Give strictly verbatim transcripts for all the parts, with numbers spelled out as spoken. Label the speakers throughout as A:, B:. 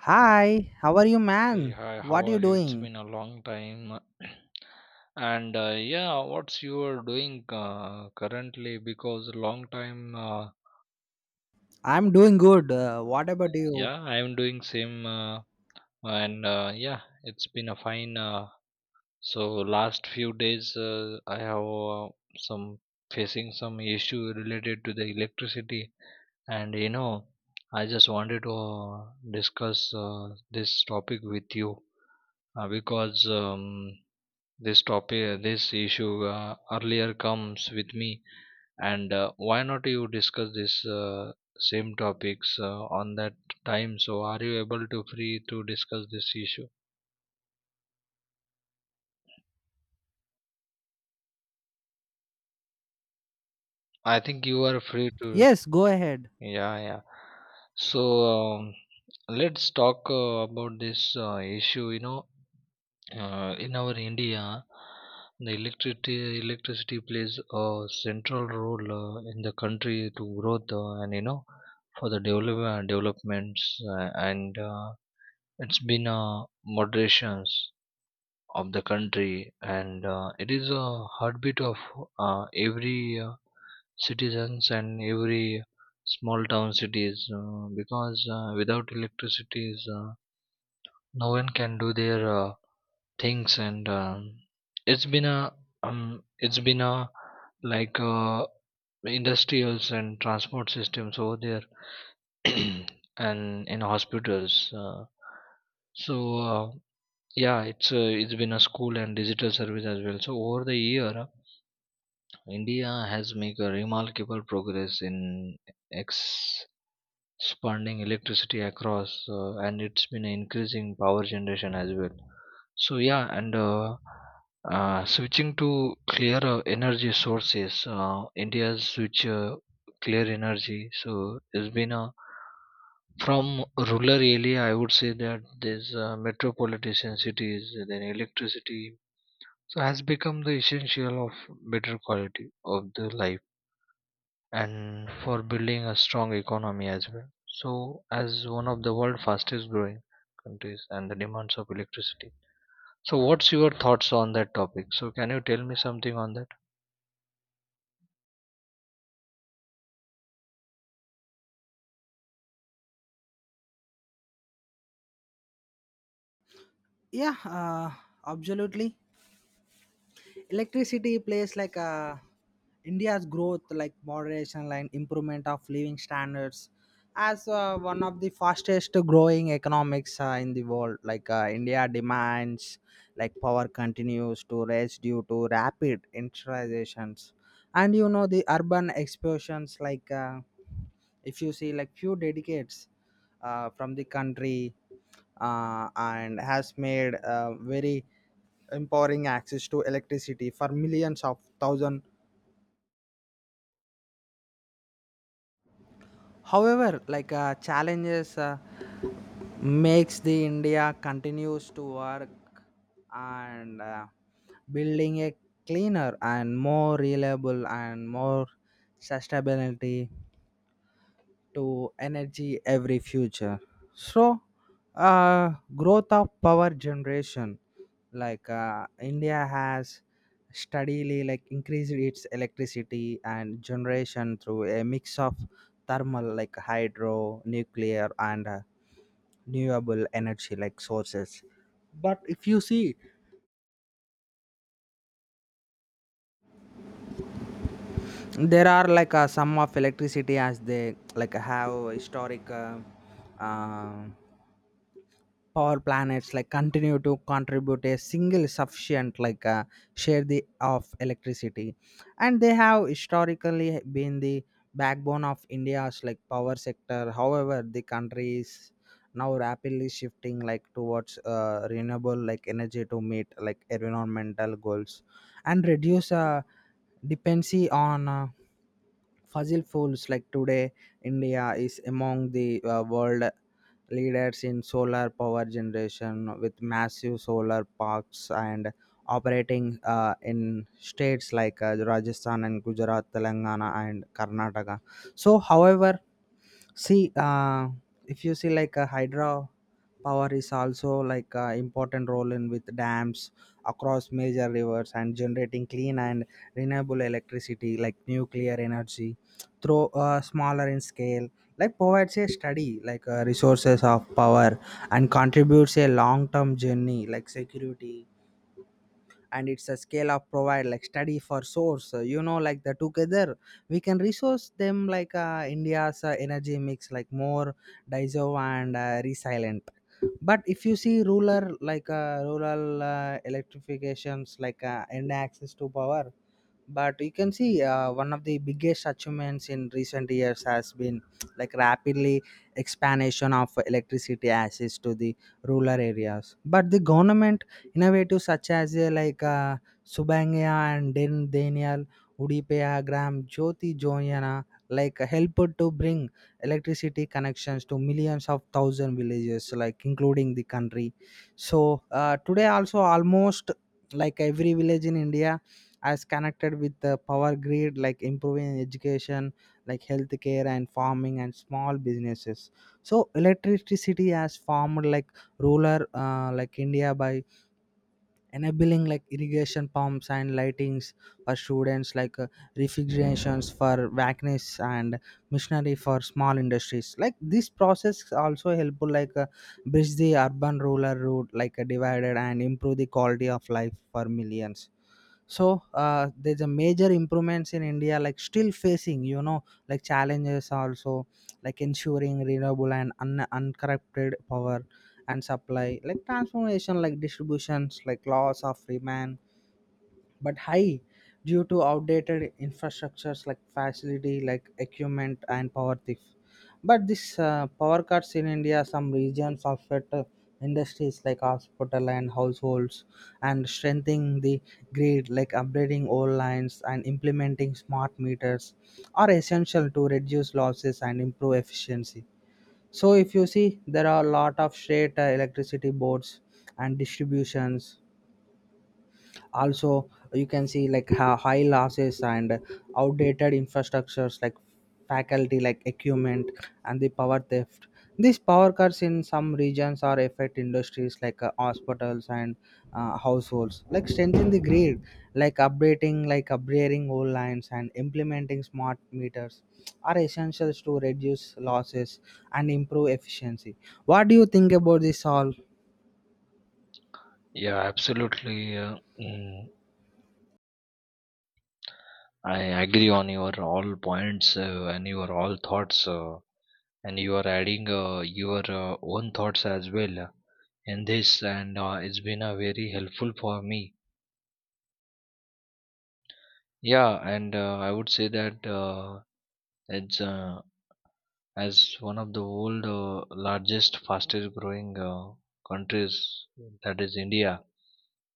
A: Hi, how are you,
B: Hey,
A: man?
B: hi, how
A: What are
B: are
A: you
B: you? It's
A: doing?
B: been a long time. And uh, Yeah, what's you are doing uh, currently? Because long time, uh,
A: I'm doing good. Uh, what about you?
B: yeah, I'm doing same. Uh, and uh, Yeah, it's been a fine. Uh, so last few days, uh, I have uh, some facing some issue related to the electricity, and you know, I just wanted to uh, discuss uh, this topic with you uh, because. Um, this topic this issue uh, earlier comes with me and uh, why not you discuss this uh, same topics uh, on that time, so are you able to free to discuss this issue? I think you are free to.
A: Yes, go ahead.
B: Yeah yeah so um, let's talk uh, about this uh, issue, you know. Uh, in our India, the electricity electricity plays a central role uh, in the country to growth uh, and you know, for the develop- uh, developments uh, and uh, it's been a moderations of the country, and uh, it is a heartbeat of uh, every uh, citizens and every small town cities, uh, because uh, without electricity uh, no one can do their uh, things and um, it's been a um, it's been a like uh, industrials and transport systems over there. And in hospitals, uh, so uh, yeah, it's uh, it's been a school and digital service as well. So over the year, uh, india has made a remarkable progress in x spawning electricity across, uh, and it's been increasing power generation as well. So yeah and uh, uh, switching to clear uh, energy sources. Uh, india's switch uh, clear energy, so it's been a from rural area, I would say that, there's uh, metropolitan cities, then electricity so has become the essential of better quality of the life and for building a strong economy as well. So, as one of the world's fastest growing countries and the demands of electricity. So, what's your thoughts on that topic? So, can you tell me something on that?
A: Yeah, uh, absolutely. Electricity plays like uh, India's growth, like moderation and improvement of living standards, as uh, one of the fastest growing economics uh, in the world. Like uh, India demands, like power continues to rise due to rapid industrializations, and you know the urban explosions, like. Uh, if you see like few dedicates uh, from the country uh, and has made uh, very empowering access to electricity for millions of thousand, however like uh, challenges uh, makes the india continues to work and uh, building a cleaner and more reliable and more sustainability to energy every future. So uh, growth of power generation, like uh, india has steadily like increased its electricity and generation through a mix of thermal like hydro nuclear and uh, renewable energy like sources, but if you see there are like uh, some of electricity as they like have historic uh, um power planets like continue to contribute a single sufficient like uh, share the of electricity, and they have historically been the backbone of india's like power sector. However, the country is now rapidly shifting like towards uh, renewable like energy to meet like environmental goals and reduce uh, dependency on uh, fossil fuels like today. India is among the uh, world leaders in solar power generation with massive solar parks and operating uh, in states like uh, Rajasthan and Gujarat, Telangana, and Karnataka. So, however, see, uh, if you see like a hydro power is also like a important role in with dams across major rivers and generating clean and renewable electricity like nuclear energy through uh, smaller in scale, like provides a study like uh, resources of power, and contributes a long term journey like security, and it's a scale of provide like study for source, uh, you know like the together we can resource them like, uh, india's uh, energy mix like more diverse and uh, resilient. But if you see rural like uh, rural uh, electrifications like, uh, and access to power, but you can see uh, one of the biggest achievements in recent years has been like rapidly expansion of electricity access to the rural areas. But the government innovative such as uh, like uh, Subangya and Den Daniel Udipeya Gram Jyoti Joyana like helped to bring electricity connections to millions of thousand villages like including the country. So uh, today also almost like every village in India as connected with the power grid, like improving education like healthcare and farming and small businesses. So electricity has formed like ruler, uh, like india, by enabling like irrigation pumps and lightings for students like, uh, refrigerations for vacuums and machinery for small industries, like this process also helpful like, uh, bridge the urban rural route like a divided and improve the quality of life for millions. So uh, there's a major improvements in India, like still facing, you know, like challenges also, like ensuring renewable and un- uncorrupted power and supply, like transformation, like distributions, like laws of demand, but high due to outdated infrastructures like facility, like equipment and power theft. But this uh, power cuts in India, some regions affect uh, industries like hospital and households, and strengthening the grid like upgrading old lines and implementing smart meters are essential to reduce losses and improve efficiency. So if you see, there are a lot of state uh, electricity boards and distributions also. You can see like ha- high losses and outdated infrastructures like faculty like equipment and the power theft. These power cuts in some regions are affect industries like uh, hospitals and uh, households, like strengthen the grid like updating like upgrading old lines and implementing smart meters are essentials to reduce losses and improve efficiency. What do you think about this all?
B: Yeah, absolutely. Uh, mm, I agree on your all points uh, and your all thoughts, uh, and you are adding uh, your uh, own thoughts as well uh, in this, and uh, it's been uh, very helpful for me. Yeah, and uh, I would say that uh, it's uh, as one of the world uh, largest fastest growing uh, countries, that is india,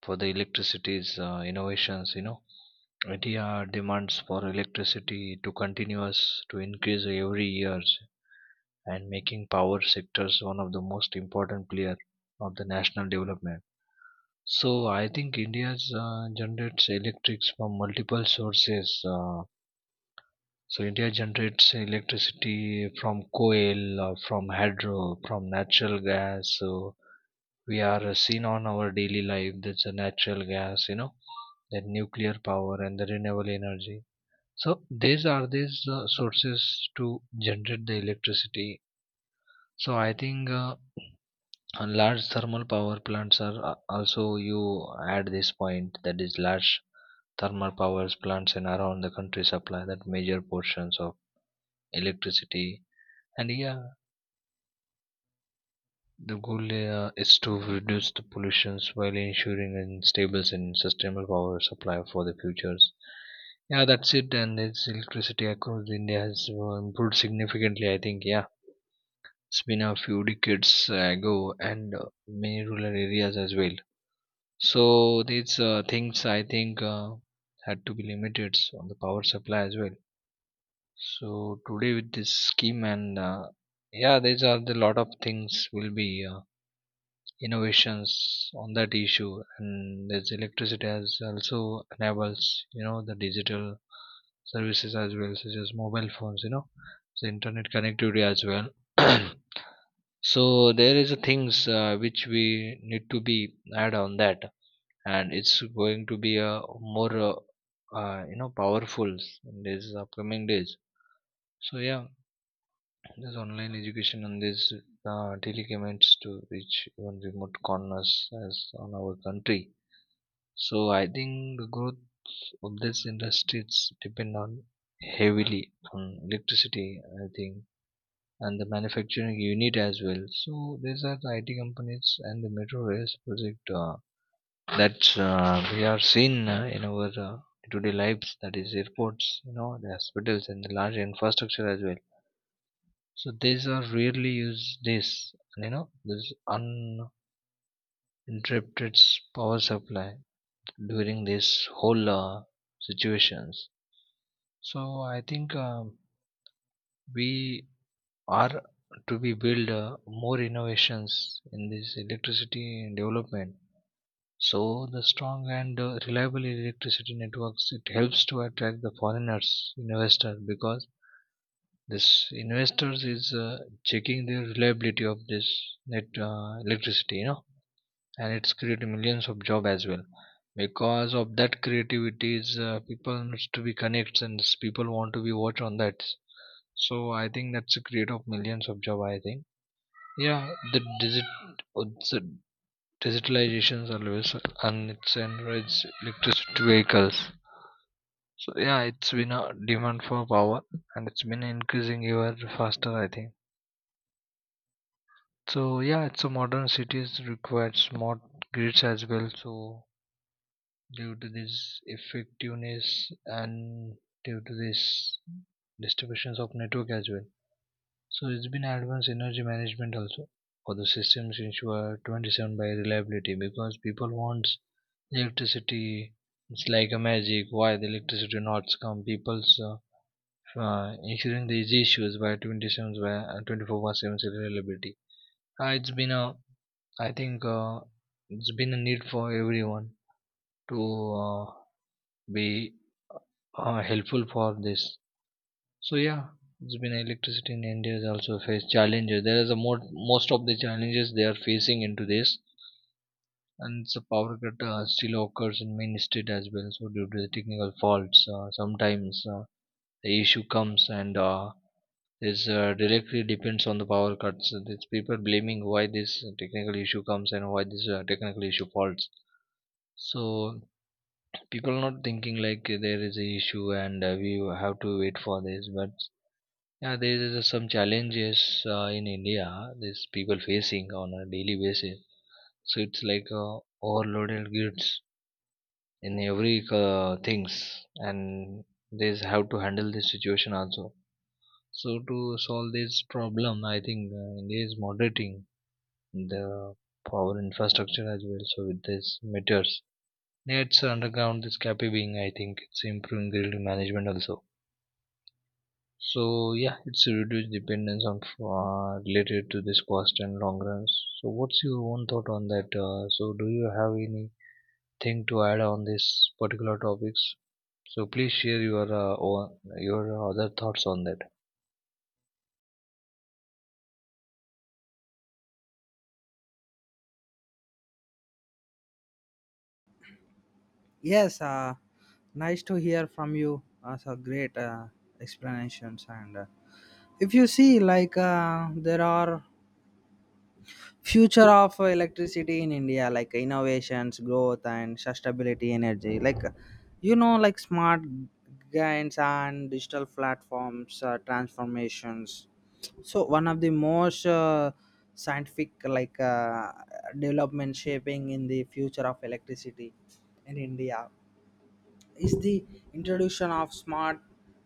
B: for the electricity's uh, innovations, you know. India demands for electricity to continuous to increase every years, and making power sectors one of the most important player of the national development. So I think india's uh, generates electrics from multiple sources uh, so India generates electricity from coal, uh, from hydro, from natural gas. So we are uh, seen on our daily life. That's a natural gas, you know, that nuclear power and the renewable energy. So these are these uh, sources to generate the electricity. So I think uh, uh, large thermal power plants are uh, also you add this point, that is large thermal power plants and around the country supply that major portions of electricity. And yeah, the goal uh, is to reduce the pollutions while ensuring a stable and sustainable power supply for the futures. Yeah, that's it. And its electricity across India has uh, improved significantly. I think, yeah, it's been a few decades uh, ago, and uh, many rural areas as well. So these uh, things, I think, uh, had to be limited on the power supply as well. So today with this scheme, and uh, yeah, these are the lot of things will be. Uh, innovations on that issue, and this electricity has also enables, you know, the digital services as well, such as mobile phones, you know, so internet connectivity as well. So there is a things uh, which we need to be add on that, and it's going to be a more uh, uh, you know, powerful in these upcoming days. So yeah, this online education and these uh, telecommutes to reach even remote corners as on our country. So I think the growth of these industries depend on heavily on electricity, I think, and the manufacturing unit as well. So these are the I T companies and the metro rails project uh, that uh, we are seeing uh, in our uh, day-to-day lives. That is airports, you know, the hospitals and the large infrastructure as well. So these are rarely used days, you know, this uninterrupted s- power supply during this whole uh, situations. So I think um, we are to be build uh, more innovations in this electricity development. So the strong and uh, reliable electricity networks it helps to attract the foreigners investors, because this investors is uh, checking the reliability of this net uh, electricity, you know. And it's created millions of job as well, because of that creativities uh, people needs to be connects, and s- people want to be watch on that. So I think that's a create of millions of job, I think. Yeah, the digit uh, the digitalizations always, and it's encourage electricity vehicles. So yeah, it's been a demand for power, and it's been increasing ever faster, I think. So yeah, it's a modern cities require smart grids as well, so due to this effectiveness and due to this distributions of network as well. So it's been advanced energy management also for the systems ensure twenty-seven by reliability, because people wants electricity. It's like a magic. Why the electricity not come? People's uh, uh, ensuring these issues by twenty-seven by uh, twenty-four by seven reliability. Uh, it's been a, I think, uh, it's been a need for everyone to uh, be uh, helpful for this. So yeah, it's been electricity in India is also face challenges. There is a more most of the challenges they are facing into this, and the power cut uh, still occurs in main state as well. So due to the technical faults, uh, sometimes uh, the issue comes, and uh, this uh, directly depends on the power cuts. So these people blaming why this technical issue comes and why this uh, technical issue faults. So people not thinking like there is a issue, and uh, we have to wait for this, but yeah, there is some challenges uh, in India. These people facing on a daily basis. So it's like uh, overloaded goods in every uh, things, and they have to handle this situation also. So to solve this problem, I think uh, India is moderating the power infrastructure as well. So with these meters, it's underground this capping. I think it's improving grid management also. So yeah, it's a reduced dependence on uh, related to this cost and long runs. So what's your own thought on that? Uh, so do you have anything to add on this particular topics? So please share your uh, own, your other thoughts on that.
A: Yes, uh, nice to hear from you. That's a great uh, explanations. And uh, if you see, like uh, there are future of electricity in India, like innovations, growth, and sustainability energy. Like uh, you know, like smart gains and digital platforms uh, transformations. So one of the most uh, scientific like uh, development shaping in the future of electricity in India is the introduction of smart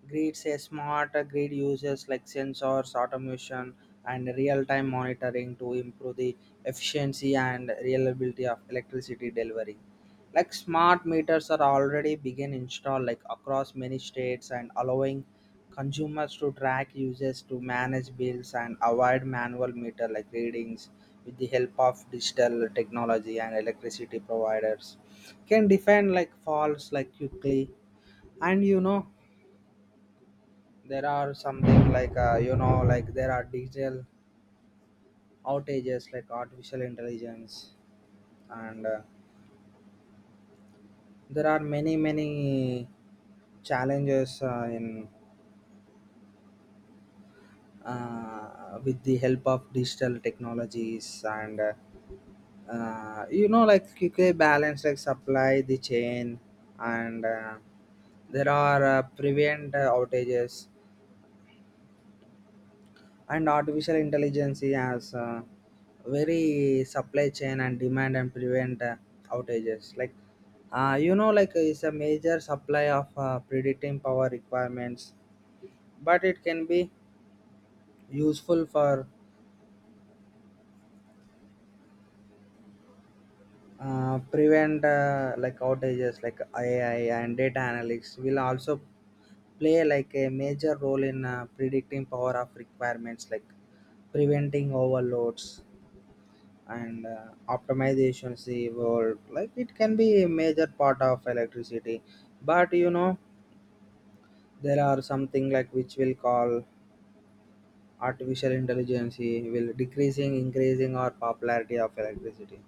A: grids. A smart grid uses like sensors automation and real-time monitoring to improve the efficiency and reliability of electricity delivery, like smart meters are already begin install like across many states and allowing consumers to track usage, to manage bills and avoid manual meter like readings with the help of digital technology and electricity providers can define like false like quickly. And you know, there are something like, uh, you know, like there are digital outages like artificial intelligence and uh, there are many many challenges uh, in, uh, with the help of digital technologies and uh, uh, you know like quickly balance like supply the chain and uh, there are uh, prevent uh, outages, and artificial intelligence has uh, very supply chain and demand and prevent uh, outages like, uh, you know like it's a major supply of uh, predicting power requirements, but it can be useful for uh, prevent uh, like outages. Like AI and data analytics will also play like a major role in uh, predicting power of requirements like preventing overloads and uh, optimizations evolved, like it can be a major part of electricity. But you know, there are something like which will call artificial intelligence, eh, will decreasing increasing or popularity of electricity.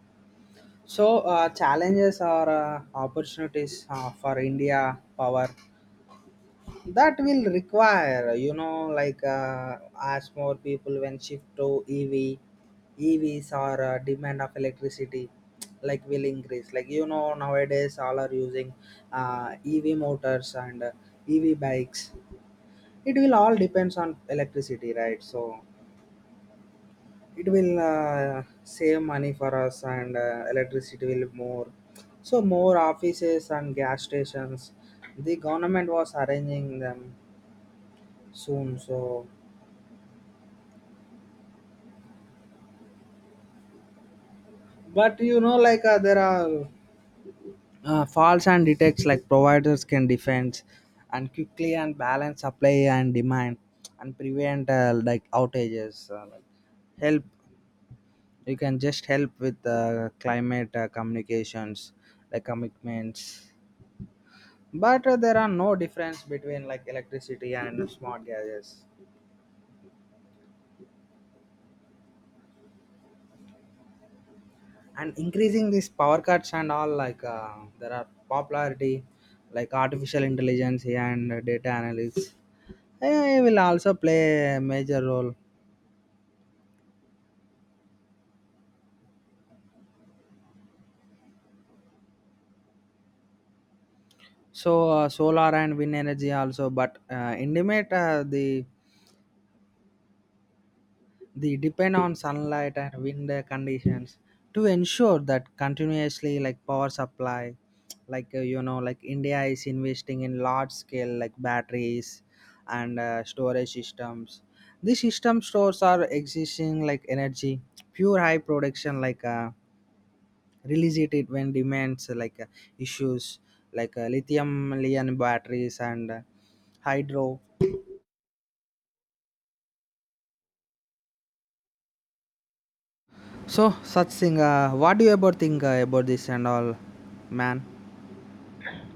A: So uh, challenges or uh, opportunities uh, for india power that will require, you know, like, uh, as more people when shift to E V, E Vs or uh, demand of electricity, like will increase. Like you know, nowadays all are using uh, E V motors and uh, E V bikes. It will all depends on electricity, right? So it will uh, save money for us, and uh, electricity will more. So more offices and gas stations, the government was arranging them soon. So but you know, like uh, there are uh, faults and detects like providers can defend and quickly and balance supply and demand and prevent uh, like outages. Uh, like help, you can just help with uh, climate uh, communications like commitments. But uh, there are no difference between like electricity and smart gadgets. And increasing these power cuts and all like, uh, there are popularity like artificial intelligence and data analytics, A I will also play a major role. So uh, solar and wind energy also, but uh, intimate uh, the the depend on sunlight and wind conditions to ensure that continuously like power supply, like uh, you know like India is investing in large scale like batteries and uh, storage systems. These system stores are existing like energy, pure high production like. Uh, release it, it when demands uh, like uh, issues like uh, lithium ion batteries and uh, hydro. So such thing, uh, what do you about think uh, about this and all, man?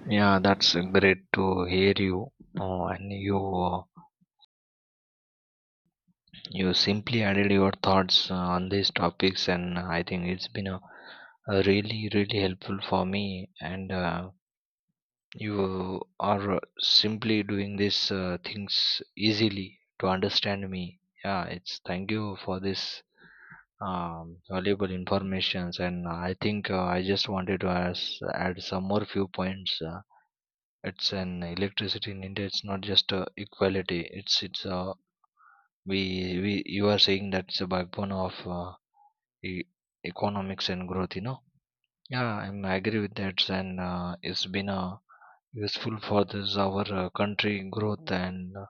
B: Yeah, that's uh, great to hear you. Uh, and you uh, you simply added your thoughts uh, on these topics, and I think it's been a, a really really helpful for me. And uh, You are simply doing these uh, things easily to understand me. Yeah, it's thank you for this um, valuable informations, and I think uh, I just wanted to ask, add some more few points. Uh, it's an electricity in India. It's not just uh, equality. It's it's uh, we we you are saying that's a backbone of uh, e- economics and growth, you know. Yeah, I'm agree with that, and uh, it's been uh, useful for this our uh, country growth and uh,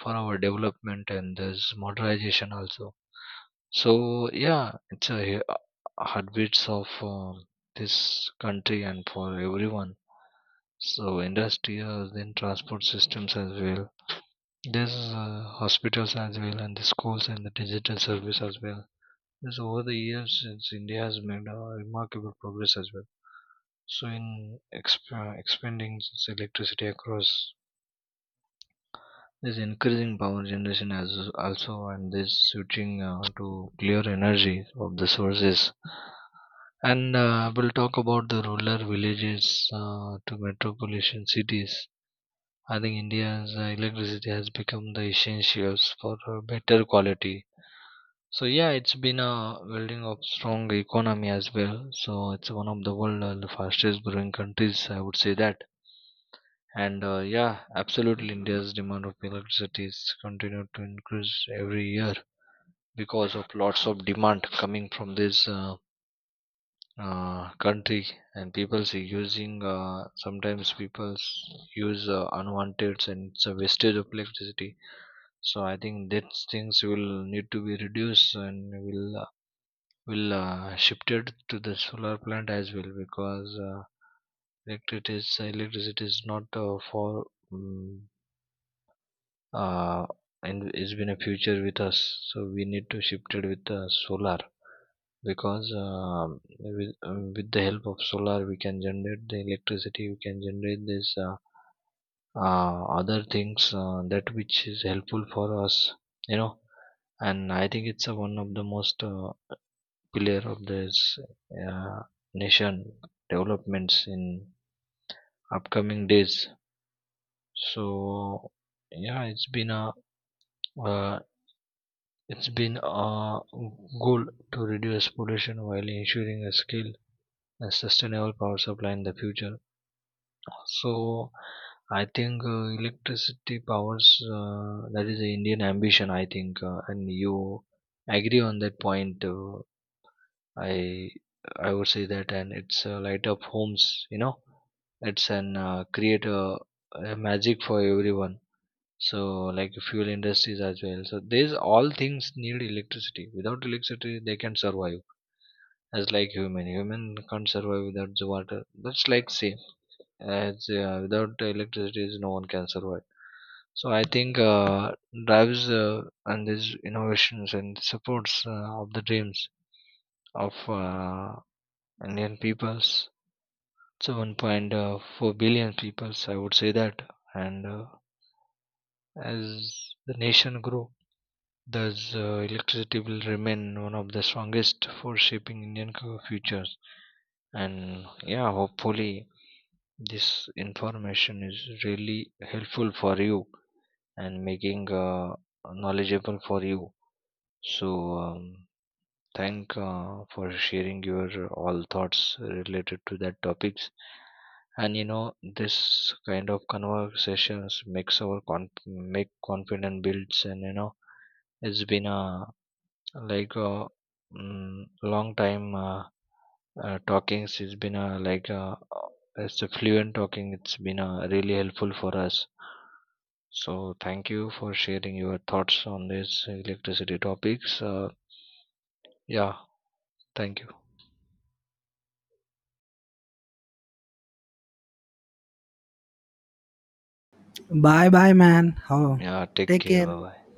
B: for our development and this modernization also. So yeah, it's a uh, heartbeats of uh, this country and for everyone. So industrial, then transport systems as well. There's uh, hospitals as well, and the schools and the digital service as well. Because over the years, since India has made a remarkable progress as well. So in exp- expanding this electricity across, this increasing power generation as also, and this switching uh, to clear energy of the sources, and uh, we'll talk about the rural villages uh, to metropolitan cities. I think india's uh, electricity has become the essentials for uh, better quality. So yeah, it's been a building of strong economy as well. So it's one of the world uh, the fastest growing countries, I would say that. And uh, Yeah, absolutely, India's demand of electricities continued to increase every year, because of lots of demand coming from this uh, uh, country, and people see using. Uh, sometimes people use uh, unwanted, and it's a wastage of electricity. So I think these things will need to be reduced and will uh, will uh, shifted to the solar plant as well, because uh, electricity is electricity is not uh, for. mm uh, and it's been a future with us, so we need to shift it with uh, solar. Because um, with, um, with the help of solar, we can generate the electricity, we can generate this uh, uh, other things uh, that which is helpful for us, you know. And I think it's uh, one of the most uh, pillar of this uh, nation developments in upcoming days. So yeah it's been a uh, It's been a goal to reduce pollution while ensuring a skilled and sustainable power supply in the future. So I think uh, electricity powers uh, that is the Indian ambition, I think, uh, and you agree on that point. Uh, I I would say that, and it's uh, light up homes, you know. It's an uh, create a, a magic for everyone. So like fuel industries as well, so these all things need electricity. Without electricity they can survive. As like human human can't survive without the water, that's like same, as uh, without electricity no one can survive. So I think uh, drives uh, and these innovations and supports uh, of the dreams of uh, indian peoples, so one point four billion peoples, I would say that. And uh, As the nation grow, thus, uh, electricity will remain one of the strongest for shaping Indian co- futures. And yeah, hopefully, this information is really helpful for you and making uh, knowledgeable for you. So, um, thank uh, for sharing your all thoughts related to that topics. And you know, this kind of conversations makes our conf- make confident builds, and you know, it's been a like uh, mm, long time uh, uh, talkings. It's been a like uh, uh, it's a fluent talking, it's been uh, really helpful for us. So thank you for sharing your thoughts on this electricity topics. Uh, yeah, thank you.
A: Bye bye, man. How?
B: Yeah, take
A: Take
B: care,
A: care.
B: bye bye.